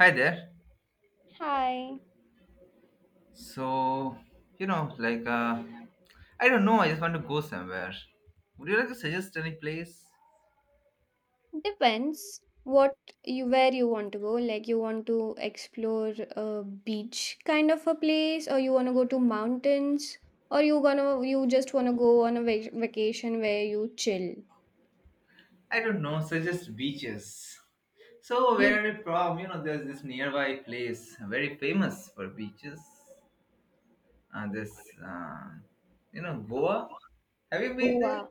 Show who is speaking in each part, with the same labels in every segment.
Speaker 1: Hi there.
Speaker 2: Hi.
Speaker 1: So, like, I don't know, I just want to go somewhere. Would you like to suggest any place?
Speaker 2: Depends what you where you want to go. Like you want to explore a beach kind of a place, or you want to go to mountains, or you just want to go on a vacation where you chill.
Speaker 1: I don't know, suggest beaches. So,
Speaker 2: You
Speaker 1: where are you from? There's this nearby place, very famous for beaches. Uh, this, uh, Goa. Have you been there?
Speaker 2: Goa.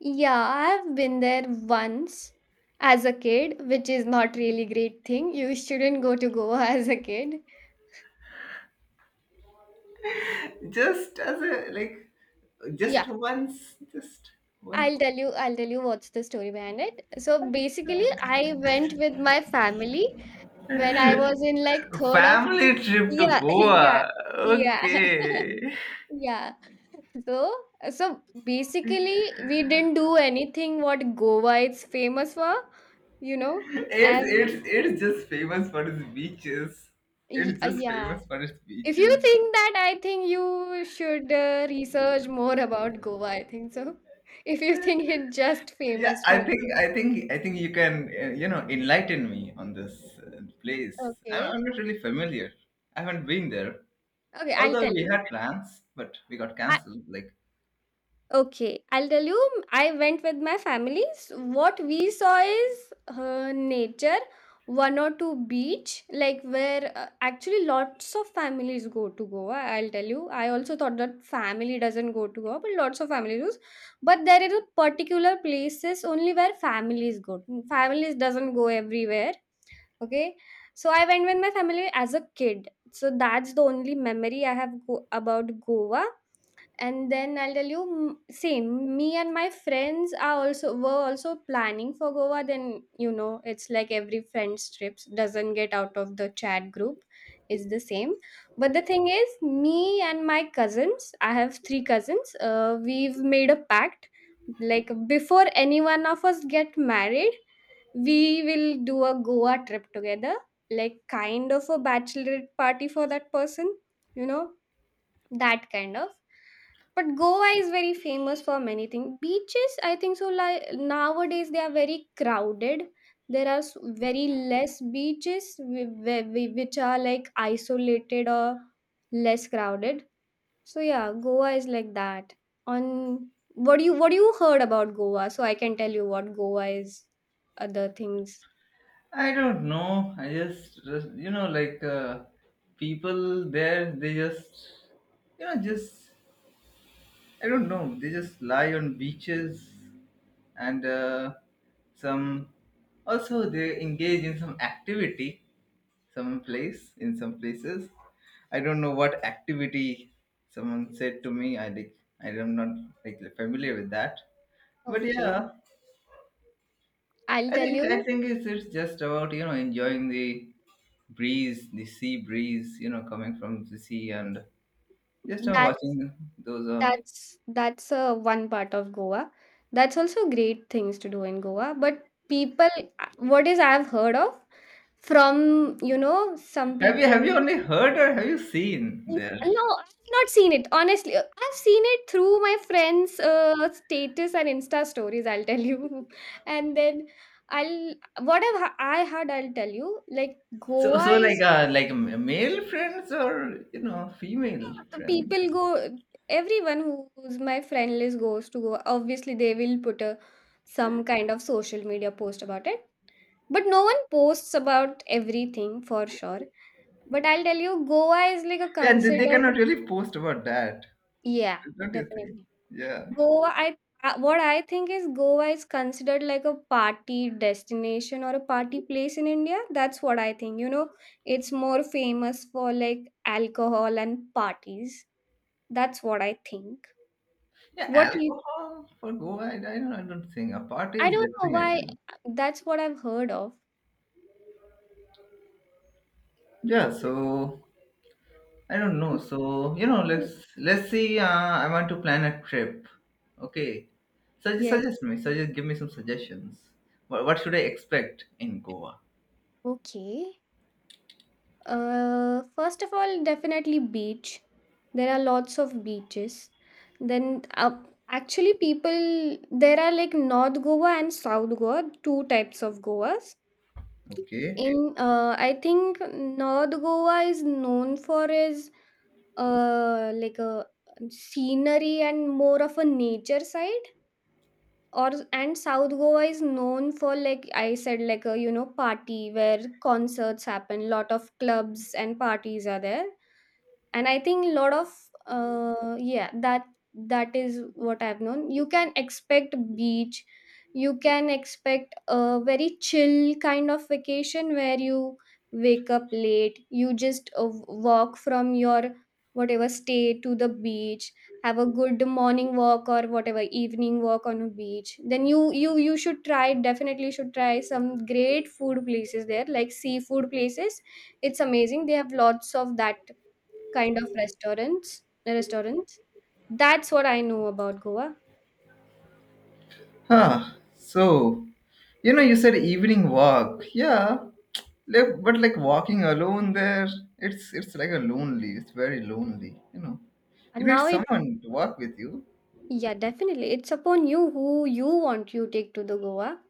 Speaker 2: Yeah, I've been there once as a kid, which is not really great thing. You shouldn't go to Goa as a kid.
Speaker 1: Just as a, like, just
Speaker 2: Yeah,
Speaker 1: once, just once.
Speaker 2: I'll tell you. I'll tell you what's the story behind it. So basically, I went with my family when I was in like third of,
Speaker 1: Family trip to
Speaker 2: yeah, yeah,
Speaker 1: Goa.
Speaker 2: yeah,
Speaker 1: Okay.
Speaker 2: yeah. So, so basically, we didn't do anything what Goa is famous for, you know.
Speaker 1: It's
Speaker 2: And
Speaker 1: it's it's just famous for its beaches. It's just
Speaker 2: yeah,
Speaker 1: famous for its
Speaker 2: if you
Speaker 1: beaches.
Speaker 2: think that, I think you should research more about Goa. I think so. If you think it's just
Speaker 1: Yeah,
Speaker 2: famous
Speaker 1: I
Speaker 2: for
Speaker 1: think
Speaker 2: me.
Speaker 1: I think I think you can enlighten me on this place. I'm,
Speaker 2: Okay,
Speaker 1: I'm not really familiar. I haven't been there.
Speaker 2: okay, I'll
Speaker 1: Although
Speaker 2: tell
Speaker 1: we
Speaker 2: you.
Speaker 1: had plans, but we got cancelled. Like,
Speaker 2: Okay, I'll tell you. I went with my families. What we saw is nature, one or two beach, like where actually lots of families go to Goa. I'll tell you. I also thought that family doesn't go to Goa, but lots of families goes. But there is a particular places only where families go. Families doesn't go everywhere. Okay, so I went with my family as a kid. So that's the only memory I have about Goa. And then I'll tell you. Mm, same, me and my friends are also were also planning for Goa. Then, it's like every friend's trips doesn't get out of the chat group, is the same. But the thing is, me and my cousins, I have three cousins, we've made a pact. Like before any one of us get married, we will do a Goa trip together, like kind of a bachelorette party for that person, you know that kind of. But Goa is very famous for many things, beaches I think so. Like nowadays they are very crowded. There are very less beaches, which are like isolated or less crowded. So yeah, Goa is like that. On what do you heard about Goa, so I can tell you what Goa is, other things.
Speaker 1: I don't know. I just like people there, they just just, I don't know. They just lie on beaches, and some, also they engage in some activity, some place, in some places. I don't know what activity. Someone said to me, I like, I am not like familiar with that. But
Speaker 2: Okay,
Speaker 1: yeah,
Speaker 2: I'll
Speaker 1: i
Speaker 2: tell
Speaker 1: think
Speaker 2: you.
Speaker 1: i think it's just about enjoying the breeze, the sea breeze, coming from the sea, and just watching
Speaker 2: That's.
Speaker 1: those
Speaker 2: That's one part of Goa. That's also great things to do in Goa. But people, what is I've heard of from, some
Speaker 1: have you
Speaker 2: people.
Speaker 1: only heard, or have you seen there?
Speaker 2: No, I've not seen it honestly. I've seen it through my friends' status and Insta stories. I'll tell you, and then I'll, I had. I'll tell you. Like,
Speaker 1: So
Speaker 2: Goa.
Speaker 1: like male friends, or female
Speaker 2: Yeah, the
Speaker 1: friends,
Speaker 2: people go, everyone who's my friend list goes to Goa. Obviously, they will put a some kind of social media post about it. But no one posts about everything for sure. But I'll tell you, Goa is like a
Speaker 1: and they
Speaker 2: considered.
Speaker 1: cannot really post about that,
Speaker 2: Yeah,
Speaker 1: don't you think?
Speaker 2: definitely.
Speaker 1: Yeah,
Speaker 2: Goa, I what I think is Goa is considered like a party destination or a party place in India. That's what I think. You know, it's more famous for like alcohol and parties. That's what I think.
Speaker 1: yeah.
Speaker 2: What do you
Speaker 1: Alcohol for Goa, I don't think. A party is
Speaker 2: I don't know why
Speaker 1: definitely.
Speaker 2: that's what I've heard of.
Speaker 1: Yeah. So I don't know. So, let's see. I want to plan a trip. Okay. Suggest
Speaker 2: Yes.
Speaker 1: suggest me. Suggest. Give me some suggestions. What should I expect in Goa?
Speaker 2: Okay. First of all, definitely beach. There are lots of beaches. Then up actually, people there are like North Goa and South Goa, two types of Goas.
Speaker 1: Okay.
Speaker 2: In, I think North Goa is known for, is like a scenery and more of a nature side, or and South Goa is known for, like I said, like a, party where concerts happen, lot of clubs and parties are there. And I think a lot of, uh, yeah, that is what I've known. You can expect beach. You can expect a very chill kind of vacation where you wake up late, you just, walk from your whatever stay to the beach, have a good morning walk or whatever evening walk on a beach. Then you should try definitely should try some great food places there, like seafood places. It's amazing, they have lots of that kind of restaurants. That's what I know about Goa.
Speaker 1: Huh. So, you said evening walk. Yeah. Like, but like walking alone there, it's like a lonely. It's very lonely. You know, you
Speaker 2: And
Speaker 1: need
Speaker 2: now it's
Speaker 1: someone to walk with you.
Speaker 2: Yeah, definitely. It's upon you who you take to the Goa.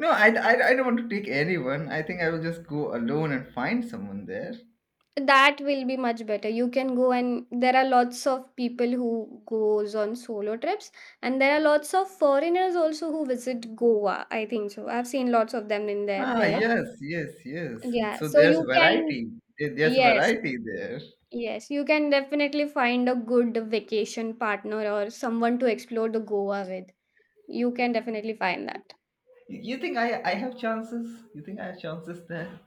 Speaker 1: No, I don't want to take anyone. I think I will just go alone and find someone there.
Speaker 2: That will be much better. You can go, and there are lots of people who goes on solo trips, and there are lots of foreigners also who visit Goa. I think so. I've seen lots of them in there
Speaker 1: Ah,
Speaker 2: there.
Speaker 1: yes, yes, yes.
Speaker 2: Yeah,
Speaker 1: So
Speaker 2: so
Speaker 1: there's
Speaker 2: you can.
Speaker 1: variety. There's
Speaker 2: Yes.
Speaker 1: variety there.
Speaker 2: Yes, you can definitely find a good vacation partner or someone to explore the Goa with. You can definitely find that.
Speaker 1: You think I have chances? You think I have chances there?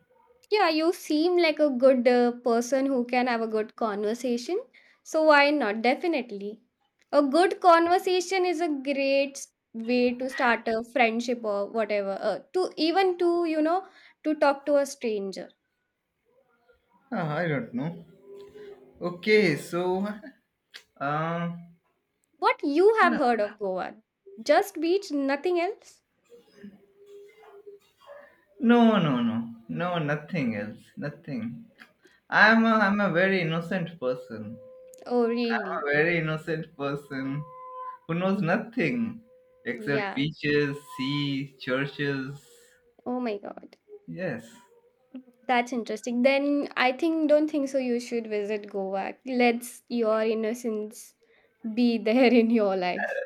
Speaker 2: Yeah, you seem like a good person who can have a good conversation. So why not? Definitely. A good conversation is a great way to start a friendship or whatever. To even to, to talk to a stranger.
Speaker 1: Huh, I don't know. Okay, so um,
Speaker 2: What you
Speaker 1: no,
Speaker 2: have heard of Goa? Just beach, nothing else?
Speaker 1: no, no, no, no, nothing else, nothing. I'm a very innocent person.
Speaker 2: Oh, really?
Speaker 1: A very innocent person who knows nothing except
Speaker 2: Yeah.
Speaker 1: beaches, sea, churches.
Speaker 2: Oh my God.
Speaker 1: Yes,
Speaker 2: That's interesting. Then I think, don't think so, you should visit Goa. Let's your innocence be there in your life.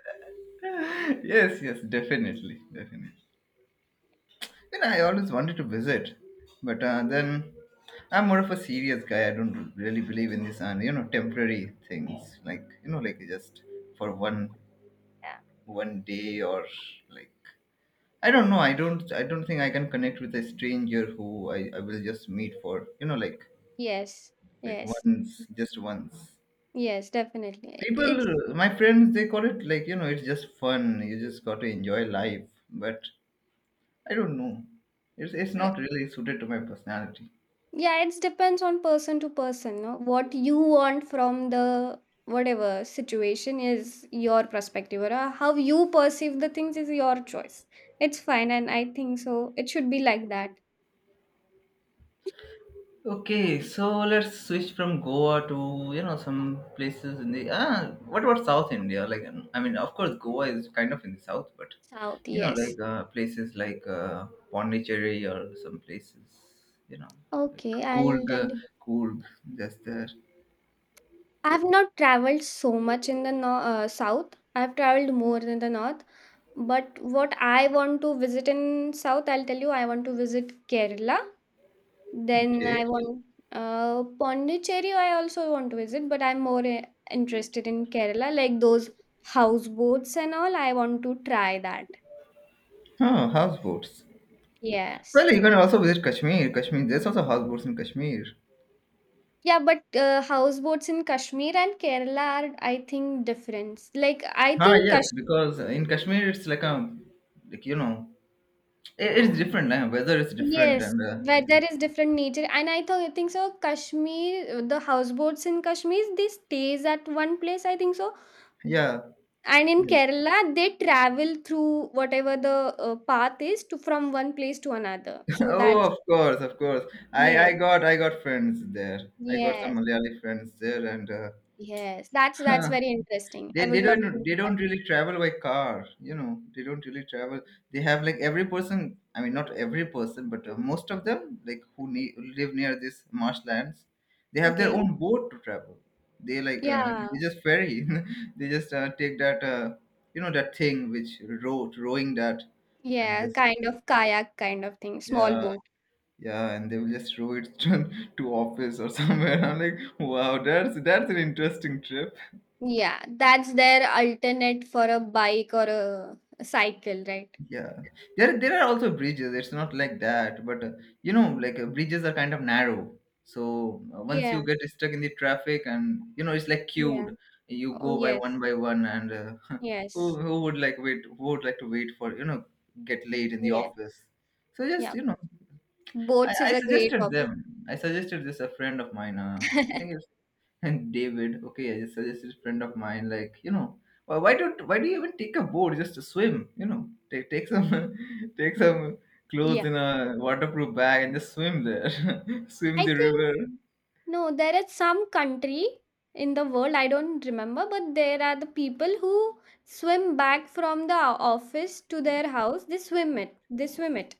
Speaker 1: yes, yes, definitely, definitely. I always wanted to visit, but then I'm more of a serious guy. I don't really believe in this, temporary things, like like, just for one
Speaker 2: Yeah.
Speaker 1: one day, or like, I don't know. I don't. I don't think I can connect with a stranger who I will just meet for like
Speaker 2: Yes,
Speaker 1: like
Speaker 2: yes,
Speaker 1: once, just once.
Speaker 2: yes, definitely. It's
Speaker 1: People, my friends, they call it like, it's just fun. You just got to enjoy life. But I don't know. It's
Speaker 2: uh,
Speaker 1: not really suited to my personality.
Speaker 2: yeah, it depends on person to person. No, what you want from the whatever situation is your perspective, or how you perceive the things is your choice. It's fine, and I think so. It should be like that.
Speaker 1: Okay, so let's switch from Goa to, some places in the What about South India? Like, I mean, of course, Goa is kind of in the south, but
Speaker 2: South, yes.
Speaker 1: like places like Pondicherry, or some places, you know, like
Speaker 2: Okay, I'll
Speaker 1: Coorg,
Speaker 2: tell you.
Speaker 1: Coorg, just there.
Speaker 2: I've not traveled so much in the south. I've traveled more than the north. But what I want to visit in South, I'll tell you, I want to visit Kerala. Then
Speaker 1: Okay.
Speaker 2: I want, Pondicherry. I also want to visit, but I'm more, interested in Kerala, like those houseboats and all. I want to try that.
Speaker 1: Huh, houseboats.
Speaker 2: Yes.
Speaker 1: Well, you can also visit Kashmir. Kashmir, there's also houseboats in Kashmir.
Speaker 2: Yeah, but houseboats in Kashmir and Kerala are, I think, different. Like, I
Speaker 1: Ah,
Speaker 2: think
Speaker 1: yes,
Speaker 2: Kashmir,
Speaker 1: because in Kashmir it's like a, like, it's different. Weather is different,
Speaker 2: yes,
Speaker 1: and yeah.
Speaker 2: weather is different nature. And I think so, Kashmir, the houseboats in Kashmir, they stays at one place, I think so.
Speaker 1: Yeah.
Speaker 2: And in
Speaker 1: Yes.
Speaker 2: Kerala, they travel through whatever the path is to from one place to another. So
Speaker 1: Oh,
Speaker 2: that's
Speaker 1: of course, of course. I
Speaker 2: Yes,
Speaker 1: I got I got friends there. I got some
Speaker 2: yes,
Speaker 1: Malayali friends there, and
Speaker 2: yes. That's very interesting. I
Speaker 1: they they
Speaker 2: would love to
Speaker 1: don't they
Speaker 2: do that.
Speaker 1: don't really travel by car. You know, they don't really travel. They have like every person. I mean, not every person, but most of them, like, who live near these marshlands, they have their
Speaker 2: Okay.
Speaker 1: own boat to travel. They like
Speaker 2: Yeah.
Speaker 1: they just ferry. They just take that that thing which rowing that, and
Speaker 2: Yeah.
Speaker 1: just
Speaker 2: Kind of kayak kind of thing. Small
Speaker 1: yeah.
Speaker 2: boat.
Speaker 1: Yeah, and they will just throw it to office or somewhere. I'm like, wow, that's an interesting trip.
Speaker 2: Yeah. That's their alternate for a bike or a cycle, right?
Speaker 1: Yeah, there are also bridges. It's not like that, but like bridges are kind of narrow. So once you
Speaker 2: Yeah.
Speaker 1: get stuck in the traffic, and it's like
Speaker 2: Yeah.
Speaker 1: queued. You
Speaker 2: Oh
Speaker 1: go
Speaker 2: yes.
Speaker 1: by one, and who
Speaker 2: Yes.
Speaker 1: who would like wait? Who would like to wait for, get late in the
Speaker 2: Yes.
Speaker 1: office? So just
Speaker 2: Yeah.
Speaker 1: I,
Speaker 2: Boats is
Speaker 1: I
Speaker 2: a great
Speaker 1: suggested
Speaker 2: option.
Speaker 1: them. I suggested this, a friend of mine. I think it's and David. Okay, I just suggested a friend of mine. Like, why don't why do you even take a boat just to swim? Take, take some take some clothes
Speaker 2: Yeah.
Speaker 1: in a waterproof bag and just swim there, swim
Speaker 2: I
Speaker 1: the
Speaker 2: think
Speaker 1: river.
Speaker 2: No, there is some country in the world, I don't remember, but there are the people who swim back from the office to their house. They swim it. They swim it.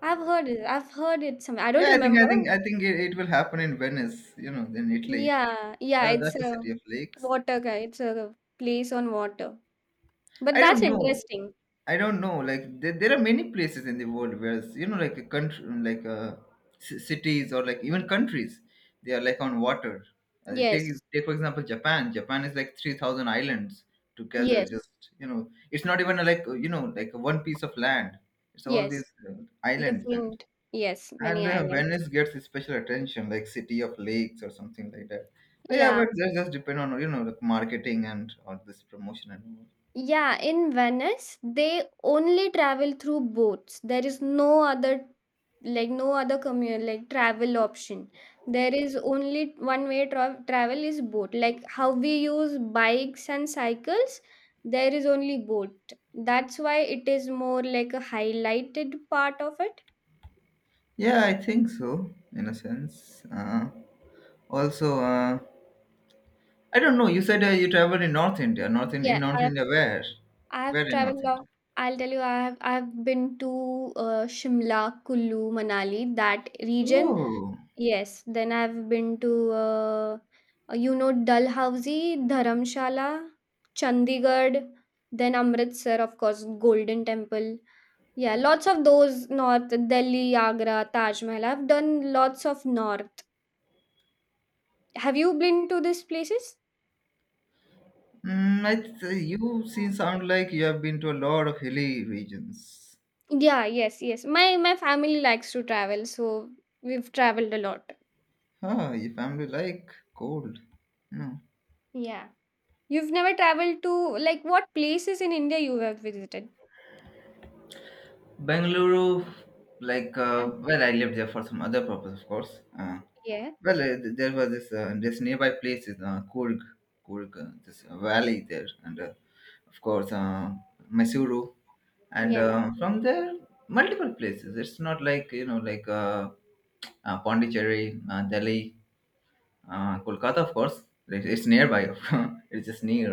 Speaker 2: I've heard it. I've heard it some. I don't
Speaker 1: Yeah, I think I think
Speaker 2: remember.
Speaker 1: I think it will happen in Venice. In Italy.
Speaker 2: Yeah, yeah,
Speaker 1: Yeah,
Speaker 2: it's
Speaker 1: that's the
Speaker 2: a
Speaker 1: city of lakes.
Speaker 2: water guy. It's a place on water. But
Speaker 1: I
Speaker 2: that's
Speaker 1: don't know.
Speaker 2: interesting.
Speaker 1: I don't know. Like, there are many places in the world where, like a country, like cities, or like even countries, they are like on water. Take
Speaker 2: Yes,
Speaker 1: take for example Japan. Japan is like 3,000 islands together.
Speaker 2: yes,
Speaker 1: Just, it's not even like, like one piece of land. It's all
Speaker 2: yes.
Speaker 1: these islands, and
Speaker 2: Different. Yes,
Speaker 1: and
Speaker 2: many islands.
Speaker 1: Venice gets special attention, like city of lakes or something like that. Yeah,
Speaker 2: Yeah.
Speaker 1: but that just depend on, like, marketing and all this promotion and all.
Speaker 2: Yeah, in Venice, they only travel through boats. There is no other, like, no other commute, like, travel option. There is only one way travel is boat. Like, how we use bikes and cycles, there is only boat. That's why it is more like a highlighted part of it.
Speaker 1: Yeah, I think so, in a sense. Also, I don't know. You said you traveled in North India. North, in
Speaker 2: Yeah,
Speaker 1: North
Speaker 2: I've,
Speaker 1: India, where? Where
Speaker 2: I've
Speaker 1: in North
Speaker 2: traveled long.
Speaker 1: India?
Speaker 2: I'll tell you, I've been to Shimla, Kullu, Manali, that region.
Speaker 1: Oh,
Speaker 2: Yes, then I've been to, Dalhousie, Dharamshala, Chandigarh, then Amritsar, of course, Golden Temple. Yeah, lots of those north, Delhi, Agra, Taj Mahal. I've done lots of north. Have you been to these places?
Speaker 1: you seem sound like you have been to a lot of hilly regions.
Speaker 2: Yeah, yes, yes. My family likes to travel, so we've traveled a lot.
Speaker 1: Huh, your family like cold. No.
Speaker 2: Yeah. You've never traveled to, like, what places in India you have visited?
Speaker 1: Bangalore, like,
Speaker 2: Yeah.
Speaker 1: well, I lived there for some other purpose, of course.
Speaker 2: Yeah.
Speaker 1: Well, there was this nearby place is Kurg, Kurg, this valley there, and of course Mysuru, and
Speaker 2: Yeah.
Speaker 1: from there, multiple places. It's not like, like Pondicherry, Delhi, Kolkata, of course. It's nearby, of course. It's just near,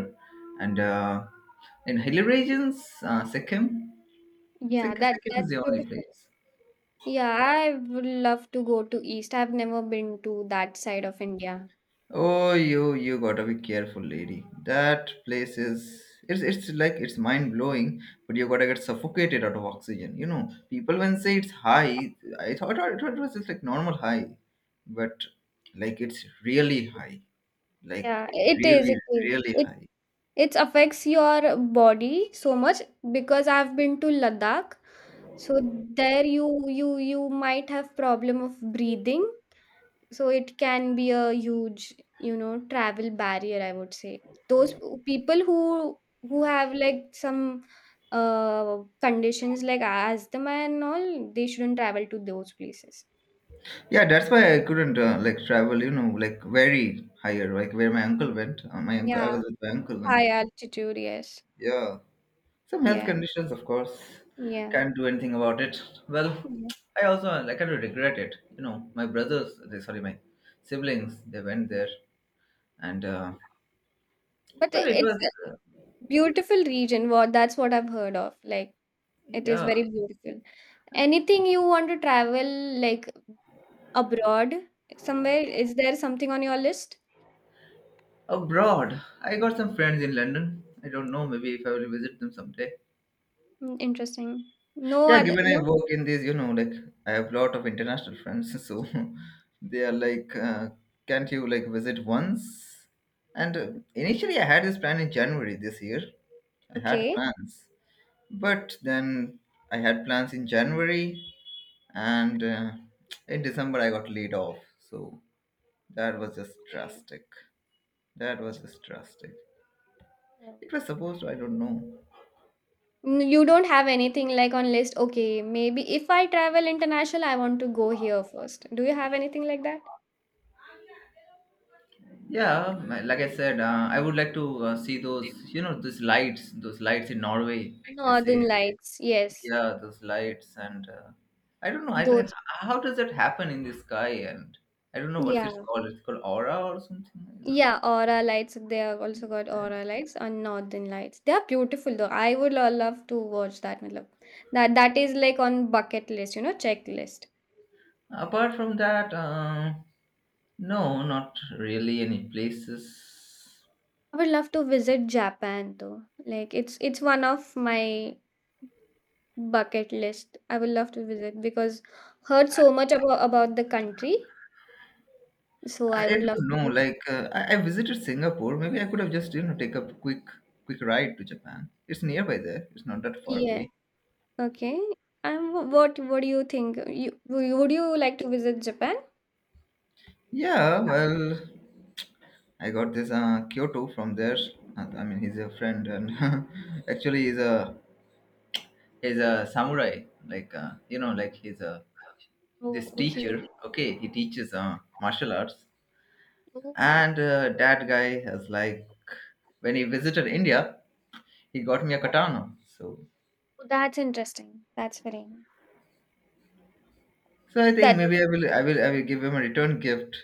Speaker 1: and in hilly regions, Sikkim.
Speaker 2: Yeah, that
Speaker 1: Sekiseki is
Speaker 2: that's
Speaker 1: the only
Speaker 2: beautiful.
Speaker 1: place.
Speaker 2: Yeah, I would love to go to East. I've never been to that side of India.
Speaker 1: Oh, you gotta be careful, lady. That place is, it's like, it's mind blowing, but you gotta get suffocated out of oxygen. You know, people when say it's high, I thought it was just like normal high, but like it's really high, like
Speaker 2: Yeah, it is.
Speaker 1: really
Speaker 2: It is.
Speaker 1: really
Speaker 2: It
Speaker 1: high.
Speaker 2: it affects your body so much because I've been to Ladakh. So there, you might have problem of breathing, so it can be a huge, travel barrier, I would say. Those people who have like some conditions like asthma and all, they shouldn't travel to those places.
Speaker 1: Yeah, that's why I couldn't like travel. You know, like very higher, like where my uncle went. My uncle, I
Speaker 2: Yeah,
Speaker 1: was with my uncle,
Speaker 2: high
Speaker 1: and
Speaker 2: altitude, yes,
Speaker 1: yeah. Some health
Speaker 2: yeah,
Speaker 1: conditions, of course.
Speaker 2: yeah,
Speaker 1: Can't do anything about it. Well,
Speaker 2: yeah.
Speaker 1: I kind of regret it. My brothers, sorry, my siblings, they went there, and
Speaker 2: But
Speaker 1: well, it
Speaker 2: it's
Speaker 1: was
Speaker 2: a beautiful region, what that's what I've heard of. Like, it is
Speaker 1: yeah.
Speaker 2: very beautiful. Anything you want to travel, like abroad somewhere, is there something on your list?
Speaker 1: Abroad, I got some friends in London. I don't know, maybe if I will visit them someday.
Speaker 2: Mm, interesting. No
Speaker 1: Yeah,
Speaker 2: other,
Speaker 1: given I
Speaker 2: no.
Speaker 1: work in this, like, I have a lot of international friends, so they are like, can't you like visit once? And initially, I had this plan in January this year. I had
Speaker 2: Okay.
Speaker 1: plans, but then I had plans in January, and in December I got laid off. So that was just
Speaker 2: Okay.
Speaker 1: drastic. That was just drastic.
Speaker 2: Oh.
Speaker 1: It was supposed to, I don't know.
Speaker 2: You don't have anything like on list. Okay, maybe if I travel international, I want to go here first. Do you have anything like that?
Speaker 1: Yeah, like I said, I would like to see those, those lights in Norway. They
Speaker 2: Northern
Speaker 1: say,
Speaker 2: Lights, yes.
Speaker 1: yeah, those lights, and I don't know, I don't,
Speaker 2: Those,
Speaker 1: how does that happen in the sky? And I don't know what's
Speaker 2: yeah,
Speaker 1: it's called. It's called aura or something. I don't.
Speaker 2: yeah. Aura Lights. They have also got Aura Lights and Northern Lights. They are beautiful though. I would love to watch that. Matlab. That is like on bucket list, checklist.
Speaker 1: Apart from that, no, not really any places.
Speaker 2: I would love to visit Japan though. Like, it's one of my bucket list. I would love to visit because heard so much about the country, so
Speaker 1: I
Speaker 2: I
Speaker 1: I
Speaker 2: would love
Speaker 1: don't
Speaker 2: to
Speaker 1: know.
Speaker 2: visit.
Speaker 1: Like I visited Singapore. Maybe I could have just, take a quick ride to Japan. It's nearby there. It's not that far
Speaker 2: Yeah.
Speaker 1: away.
Speaker 2: Okay. And what do you think? Would you like to visit Japan?
Speaker 1: Yeah, well, I got this Kyoto from there. I mean, he's a friend, and actually, he's a samurai. Like like, he's a
Speaker 2: Oh,
Speaker 1: this
Speaker 2: okay.
Speaker 1: teacher. Okay, he teaches martial arts,
Speaker 2: Oh,
Speaker 1: and that guy has, like, when he visited India, he got me a katana. So,
Speaker 2: that's interesting. That's very
Speaker 1: I think
Speaker 2: that
Speaker 1: maybe I will give him a return gift.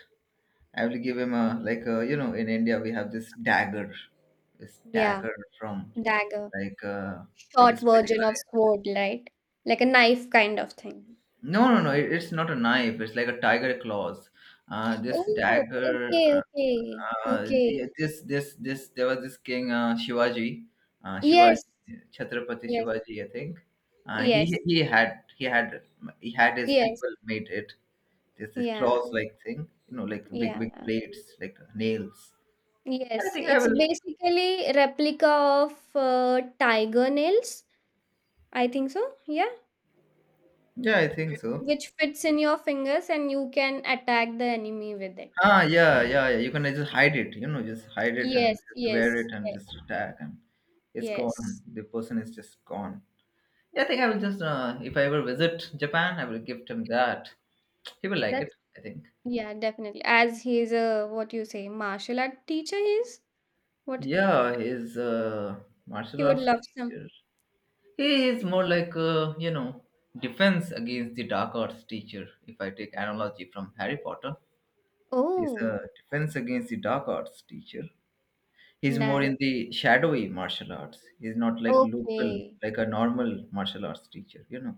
Speaker 1: I will give him a, like in India we have this
Speaker 2: yeah
Speaker 1: dagger from,
Speaker 2: dagger,
Speaker 1: like a, like a
Speaker 2: short version
Speaker 1: spatula.
Speaker 2: of sword, right? Like a knife kind of thing.
Speaker 1: No, no, no. It's not a knife. It's like a tiger claws. This
Speaker 2: Oh,
Speaker 1: dagger.
Speaker 2: okay, okay, okay.
Speaker 1: Yeah, this. There was this king Shivaji, uh, Shivaji,
Speaker 2: Yes,
Speaker 1: Chhatrapati
Speaker 2: yes,
Speaker 1: Shivaji, I think. Uh, he
Speaker 2: yes,
Speaker 1: he had he had he had his
Speaker 2: yes.
Speaker 1: people made it. This
Speaker 2: Yeah,
Speaker 1: claws like thing. You know, like big
Speaker 2: yeah.
Speaker 1: big blades, like nails. I
Speaker 2: Yes,
Speaker 1: think I
Speaker 2: it's
Speaker 1: will.
Speaker 2: basically replica of tiger nails, I think so. Yeah,
Speaker 1: Yeah, I think so.
Speaker 2: which fits in your fingers and you can attack the enemy with it.
Speaker 1: Yeah, yeah, yeah. You can just hide it, just hide it and
Speaker 2: Yes,
Speaker 1: just wear
Speaker 2: yes,
Speaker 1: it and
Speaker 2: ye-
Speaker 1: just attack, and it's gone.
Speaker 2: yes.
Speaker 1: The person is just gone. Yeah, I think I will just, if I ever visit Japan, I will gift him that. He will
Speaker 2: Yeah,
Speaker 1: like it,
Speaker 2: that's
Speaker 1: I think.
Speaker 2: yeah, definitely. As he's a what you say, martial art teacher he is what
Speaker 1: Yeah, he's a
Speaker 2: he
Speaker 1: martial
Speaker 2: would
Speaker 1: arts
Speaker 2: love some.
Speaker 1: teacher. He is more like, defense against the dark arts teacher. If I take analogy from Harry Potter, he's a
Speaker 2: Oh,
Speaker 1: defense against the dark arts teacher. He's more in
Speaker 2: nice.
Speaker 1: the shadowy martial arts. He's not like local,
Speaker 2: Okay.
Speaker 1: like a normal martial arts teacher, you know.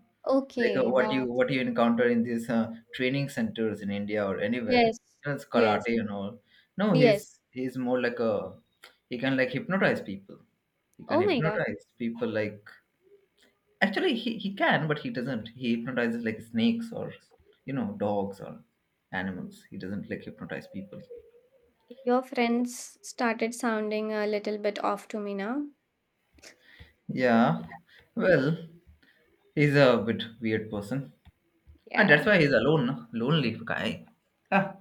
Speaker 1: Like
Speaker 2: Okay,
Speaker 1: what
Speaker 2: that
Speaker 1: you what you encounter in these training centers in India or anywhere.
Speaker 2: yes,
Speaker 1: You know, it's
Speaker 2: yes,
Speaker 1: karate and all. No,
Speaker 2: yes.
Speaker 1: he's more like a he can like hypnotize people. He can
Speaker 2: Oh my God.
Speaker 1: hypnotize people like actually he can, but he doesn't. He hypnotizes like snakes or you know, dogs or animals. He doesn't like hypnotize people.
Speaker 2: Your friends started sounding a little bit off to me now.
Speaker 1: Yeah. Well, he's a bit weird person, and that's
Speaker 2: Yeah,
Speaker 1: why he's alone, no? Lonely guy. Ah,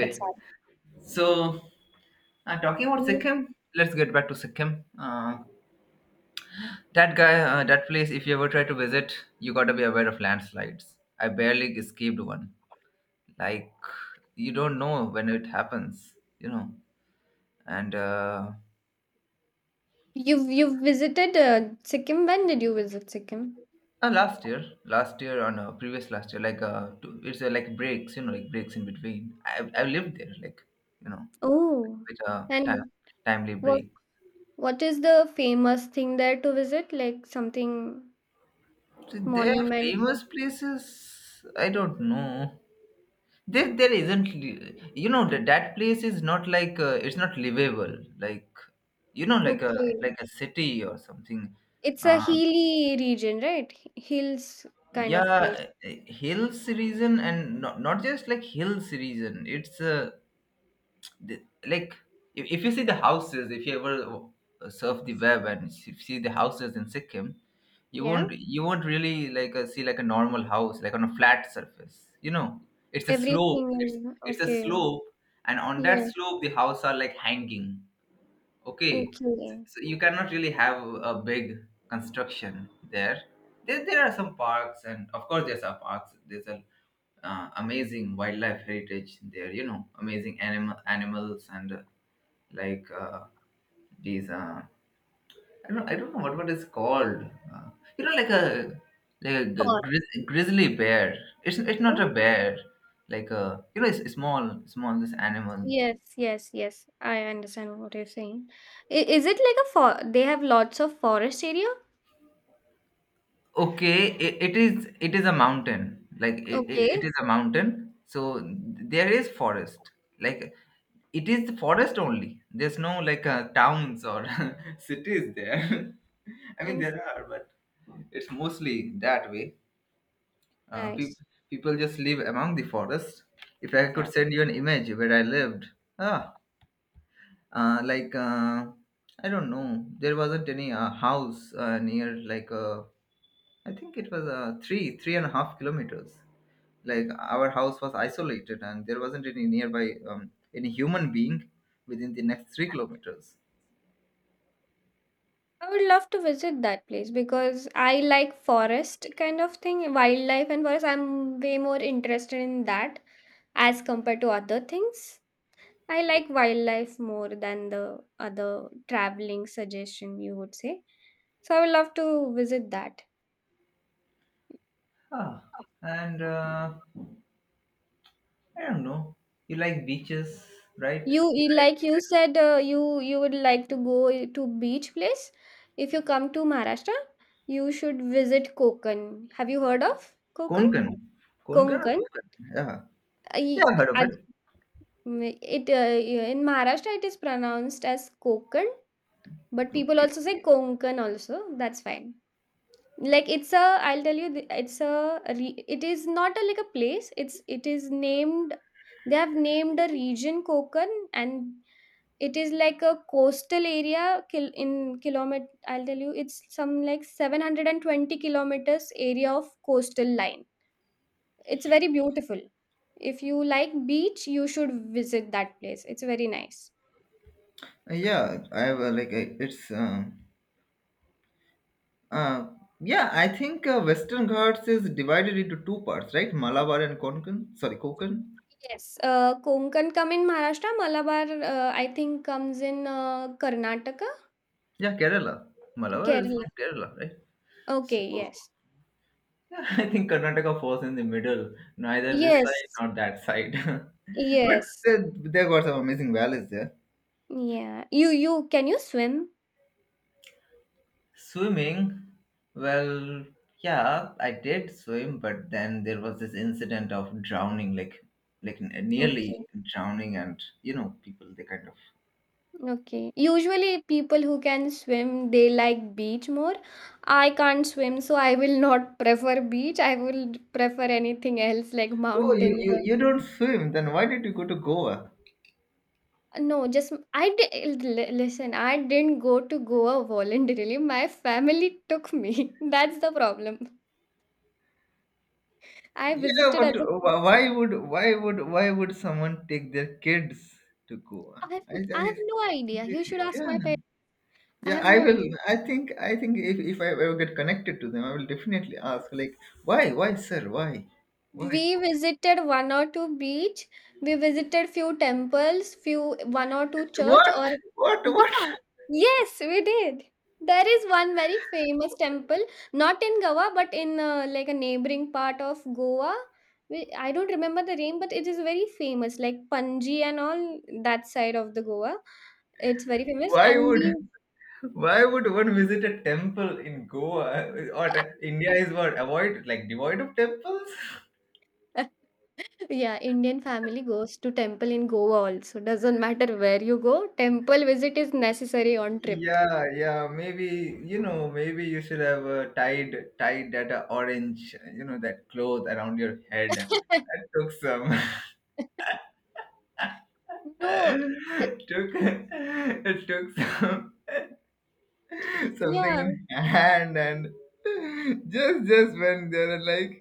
Speaker 2: that's sad.
Speaker 1: so talking about
Speaker 2: Mm,
Speaker 1: Sikkim, let's get back to Sikkim. That place. If you ever try to visit, you gotta be aware of landslides. I barely escaped one. Like you don't know when it happens, you know. And
Speaker 2: you've visited Sikkim. When did you visit Sikkim?
Speaker 1: last year or no, previous last year, like two, it's like breaks, you know, like breaks in between. I lived there, like you know
Speaker 2: Oh,
Speaker 1: with a time,
Speaker 2: and
Speaker 1: timely
Speaker 2: what
Speaker 1: break.
Speaker 2: what is the famous thing there to visit? Like something
Speaker 1: So their
Speaker 2: monumental?
Speaker 1: famous places, I don't know. There isn't. You know that place is not like it's not livable. Like you know,
Speaker 2: Okay,
Speaker 1: like a city or something.
Speaker 2: it's a
Speaker 1: Uh,
Speaker 2: hilly region, right? Hills kind of place.
Speaker 1: yeah, hills region and not just like hills region. It's a the, like if you see the houses if you ever surf the web and see the houses in sikkim you
Speaker 2: Yeah,
Speaker 1: won't really like see like a normal house like on a flat surface you know it's a
Speaker 2: everything.
Speaker 1: slope it's a
Speaker 2: Okay.
Speaker 1: slope and on that
Speaker 2: Yes.
Speaker 1: slope the house are like hanging okay so,
Speaker 2: Okay.
Speaker 1: so you cannot really have a big construction there. There are some parks and of course there's some parks there's a amazing wildlife heritage there you know amazing animals and like these I don't know what is called. Uh, you know, like a
Speaker 2: Fort.
Speaker 1: grizzly bear. It's not a bear. Like a you know, it's a small this animal.
Speaker 2: Yes, yes, yes. I understand what you're saying. I, is it like a for they have lots of forest area?
Speaker 1: Okay, it is a mountain. Like it
Speaker 2: Okay.
Speaker 1: is a mountain. So there is forest. Like it is the forest only. There's no like towns or cities there. I mean
Speaker 2: And
Speaker 1: there are, but it's mostly that way Uh, peop
Speaker 2: nice.
Speaker 1: people just live among the forest. If I could
Speaker 2: Yeah.
Speaker 1: send you an image where I lived, ah, uh, like uh, I don't know, there wasn't any house near. Like I think it was three, 3.5 kilometers. Like our house was isolated, and there wasn't any nearby um, any human being within the next 3 kilometers.
Speaker 2: I would love to visit that place because I like forest kind of thing, wildlife and forest. I'm way more interested in that as compared to other things. I like wildlife more than the other traveling suggestion you would say. So I would love to visit that.
Speaker 1: Ah, and I don't know. You like beaches, right? You like
Speaker 2: Like you said you you would like to go to beach place. If you come to Maharashtra, you should visit Konkan. Have you heard of Konkan?
Speaker 1: Konkan, Konkan or
Speaker 2: Konkan.
Speaker 1: Konkan? Yeah. Yeah,
Speaker 2: I-
Speaker 1: I heard of
Speaker 2: I-
Speaker 1: it.
Speaker 2: It in Maharashtra it is pronounced as Konkan, but people
Speaker 1: Okay.
Speaker 2: also say Konkan also. That's fine. Like it's a I'll tell you it's a it is not a, like a place. It's it is named. They have named a region Konkan, and it is like a coastal area in kilometer. I'll tell you, it's some like 720 kilometers area of coastal line. It's very beautiful. If you like beach, you should visit that place. It's very nice.
Speaker 1: Yeah, I have it's uh yeah, I think Western Ghats is divided into two parts, right? Malabar and Konkan. Sorry, Konkan.
Speaker 2: Yes, Konkan come in Maharashtra. Malabar, I think, comes in Karnataka,
Speaker 1: Yeah, Kerala. Malabar is
Speaker 2: Kerala.
Speaker 1: from Kerala, right?
Speaker 2: Okay,
Speaker 1: So
Speaker 2: yes,
Speaker 1: yeah, I think Karnataka falls in the middle, neither this side
Speaker 2: yes,
Speaker 1: nor that side. But
Speaker 2: yes.
Speaker 1: they they got some amazing valleys there.
Speaker 2: Yeah, you can you swim?
Speaker 1: Swimming, well, yeah, I did swim, but then there was this incident of drowning, like nearly
Speaker 2: Okay.
Speaker 1: drowning, and you know, people they kind of.
Speaker 2: Okay. Usually, people who can swim they like beach more. I can't swim, so I will not prefer beach. I will prefer anything else like
Speaker 1: Oh,
Speaker 2: mountains. Or-
Speaker 1: you don't swim? Then why did you go to Goa?
Speaker 2: No, just I did, listen. I didn't go to Goa voluntarily. My family took me. That's the problem. I
Speaker 1: Yeah,
Speaker 2: visited
Speaker 1: but
Speaker 2: as a kid.
Speaker 1: why would why would someone take their kids to Goa?
Speaker 2: I have, I have
Speaker 1: I
Speaker 2: no idea. You should ask
Speaker 1: yeah.
Speaker 2: my parents. I
Speaker 1: Yeah,
Speaker 2: have
Speaker 1: I
Speaker 2: no
Speaker 1: will.
Speaker 2: idea.
Speaker 1: I think. I think if I ever get connected to them, I will definitely ask. Like, why, sir, why, why?
Speaker 2: We visited one or two beach, we visited few temples, few one or two church
Speaker 1: What?
Speaker 2: or
Speaker 1: What? What?
Speaker 2: yeah yes we did. There is one very famous temple, not in Goa but in like a neighboring part of Goa. I don't remember the name but it is very famous like Panji and all that side of the Goa. It's very famous
Speaker 1: Why
Speaker 2: and we
Speaker 1: would? Why would one visit a temple in Goa India is what avoid like devoid of temples?
Speaker 2: yeah, Indian family goes to temple in Goa also. Doesn't matter where you go, temple visit is necessary on trip.
Speaker 1: Yeah, yeah. Maybe you know. Maybe you should have tied that orange, you know, that cloth around your head. That took some.
Speaker 2: No,
Speaker 1: Took it took some
Speaker 2: yeah,
Speaker 1: something in hand and just when they were like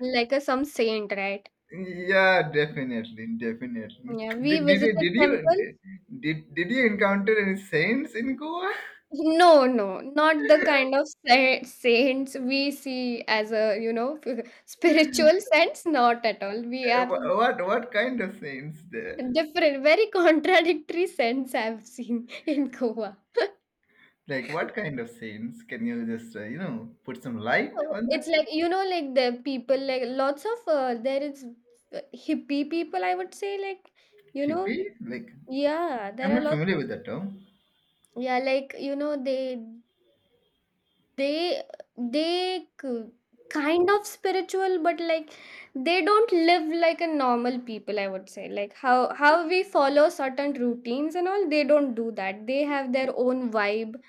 Speaker 2: like a some saint, right?
Speaker 1: Yeah, definitely, definitely.
Speaker 2: Yeah,
Speaker 1: Did,
Speaker 2: we
Speaker 1: did you
Speaker 2: visited
Speaker 1: did
Speaker 2: temple.
Speaker 1: you did you encounter any saints in Goa?
Speaker 2: No, no, not the kind of saints we see as a, you know, spiritual sense, not at all. We have
Speaker 1: What kind of saints there?
Speaker 2: different, very contradictory sense I've seen in Goa.
Speaker 1: Like what kind of saints? Can you just you know put some light
Speaker 2: Oh,
Speaker 1: on
Speaker 2: it's
Speaker 1: that?
Speaker 2: like you know, like the people, like lots of there is hippie people. I would say, like you know,
Speaker 1: Hippie? Like
Speaker 2: yeah,
Speaker 1: I'm
Speaker 2: there are
Speaker 1: not
Speaker 2: lots
Speaker 1: familiar
Speaker 2: of,
Speaker 1: with that term.
Speaker 2: yeah, like you know, they they k- kind of spiritual, but like they don't live like a normal people. I would say, like how we follow certain routines and all, they don't do that. They have their own vibe.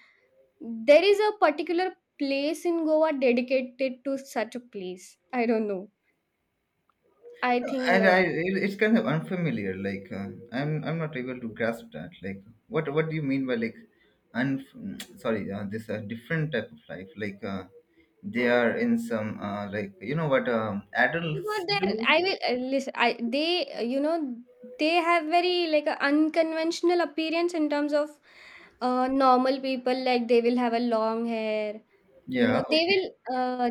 Speaker 2: There is a particular place in Goa dedicated to such a place. I don't know. I think
Speaker 1: And I, it's kind of unfamiliar. Like I'm not able to grasp that. Like what do you mean by like, un? Sorry, this different type of life. Like they are in some like you know what adults
Speaker 2: but there
Speaker 1: do.
Speaker 2: I will listen. I they they have very like a unconventional appearance in terms of normal people. Like they will have a long hair. You
Speaker 1: Yeah.
Speaker 2: know they
Speaker 1: Okay.
Speaker 2: will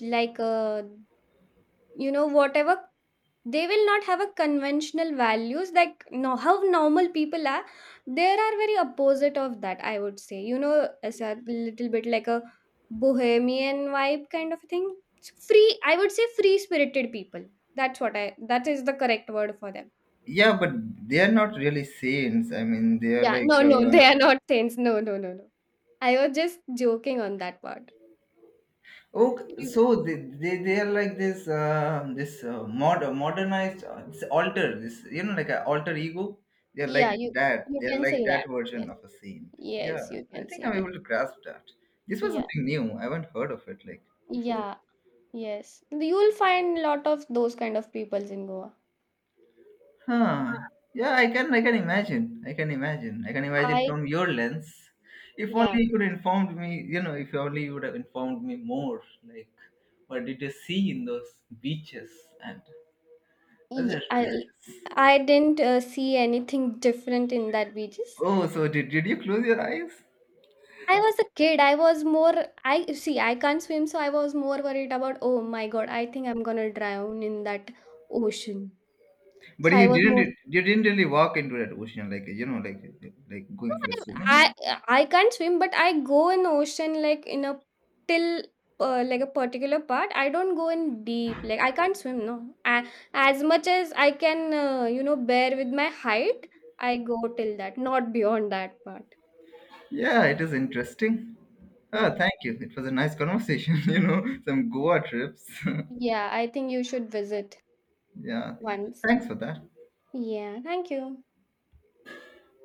Speaker 2: like you know whatever they will not have a conventional values, like no, how normal people are. There are very opposite of that, I would say, you know, as a little bit like a bohemian vibe kind of thing. It's free, I would say, free spirited people. That's what I that is the correct word for them.
Speaker 1: Yeah, but they are not really saints. I mean, they are
Speaker 2: Yeah
Speaker 1: like
Speaker 2: no no they are not saints, no no no no, I was just joking on that part.
Speaker 1: okay,
Speaker 2: You
Speaker 1: so they are like this this modernized this alter this you know like an alter ego. They are like
Speaker 2: Yeah,
Speaker 1: that.
Speaker 2: you
Speaker 1: They are
Speaker 2: can
Speaker 1: like
Speaker 2: say that,
Speaker 1: that version
Speaker 2: yes,
Speaker 1: of a saint. Yeah,
Speaker 2: yes, you
Speaker 1: I
Speaker 2: can
Speaker 1: think
Speaker 2: say
Speaker 1: I'm
Speaker 2: that.
Speaker 1: able to grasp that. This was
Speaker 2: Yeah,
Speaker 1: something new. I haven't heard of it like before.
Speaker 2: yeah. Yes, you will find lot of those kind of peoples in Goa.
Speaker 1: Huh. Yeah, I can imagine. I can imagine. I can imagine
Speaker 2: I
Speaker 1: from your lens. If
Speaker 2: yeah,
Speaker 1: only you could informed me, you know, if only you would have informed me more, like what did you see in those beaches and other
Speaker 2: y-
Speaker 1: places?
Speaker 2: I didn't see anything different in that beaches.
Speaker 1: Oh, did you close your eyes?
Speaker 2: I was a kid. I was more. I see. I can't swim, so I was more worried about. Oh my God! I think I'm gonna drown in that ocean.
Speaker 1: But
Speaker 2: So
Speaker 1: you
Speaker 2: I was more.
Speaker 1: didn't really walk into that ocean like you know like going for a
Speaker 2: I
Speaker 1: swimming.
Speaker 2: I can't swim, but I go in ocean like in a till like a particular part. I don't go in deep. Like I can't swim. No, I, as much as I can, you know, bear with my height, I go till that, not beyond that part.
Speaker 1: Yeah, it is interesting. Oh,
Speaker 2: Yeah,
Speaker 1: thank you. It was a nice conversation. You know, some Goa trips.
Speaker 2: yeah. I think you should visit
Speaker 1: Yeah,
Speaker 2: once.
Speaker 1: thanks for that.
Speaker 2: Yeah. Thank you.